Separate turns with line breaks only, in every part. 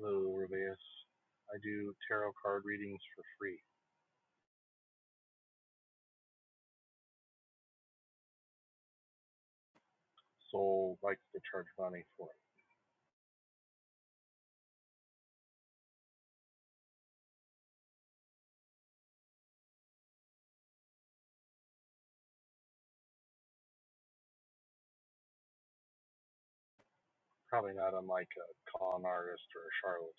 Hello, Rubeus. I do tarot card readings for free. Soul likes to charge money for it. Probably not unlike a con artist or a charlatan.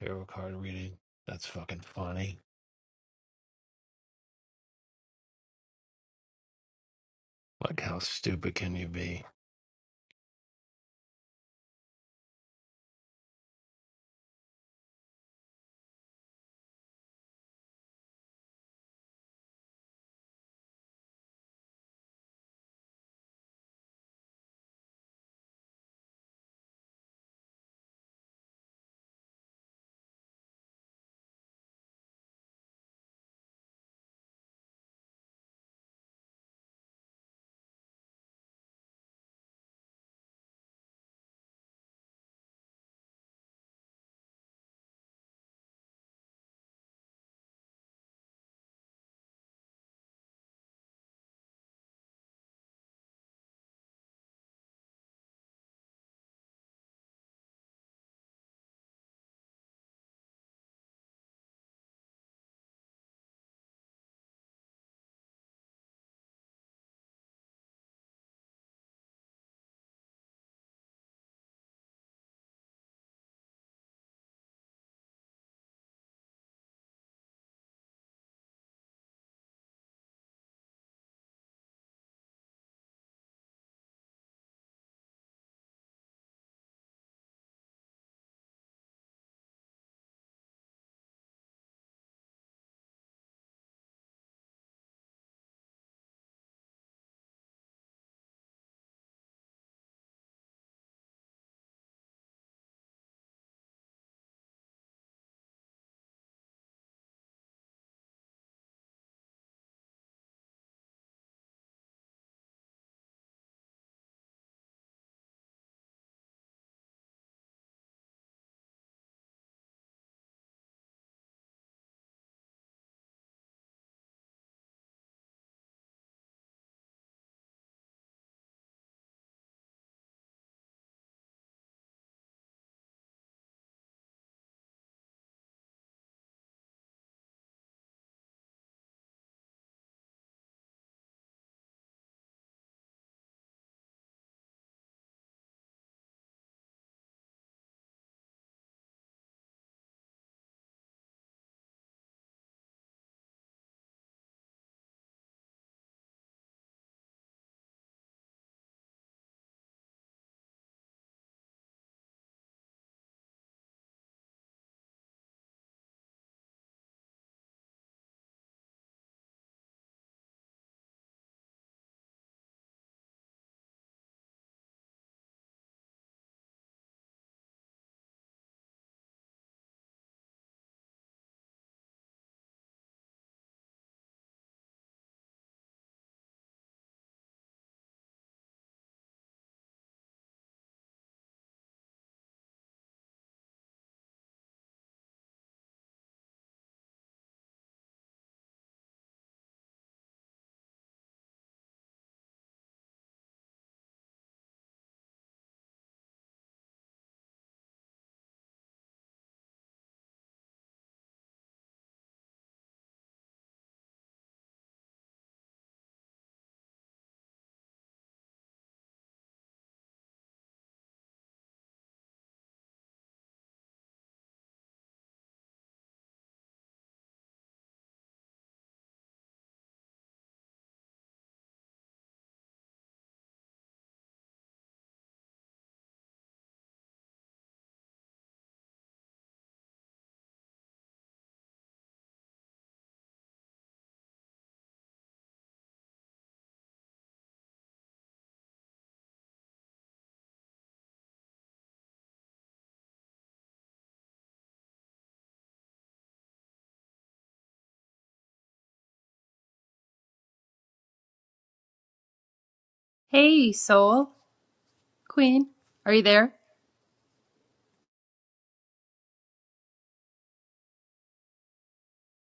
Tarot card reading. That's fucking funny. Like, how stupid can you be?
Hey, Soul Queen, are you there?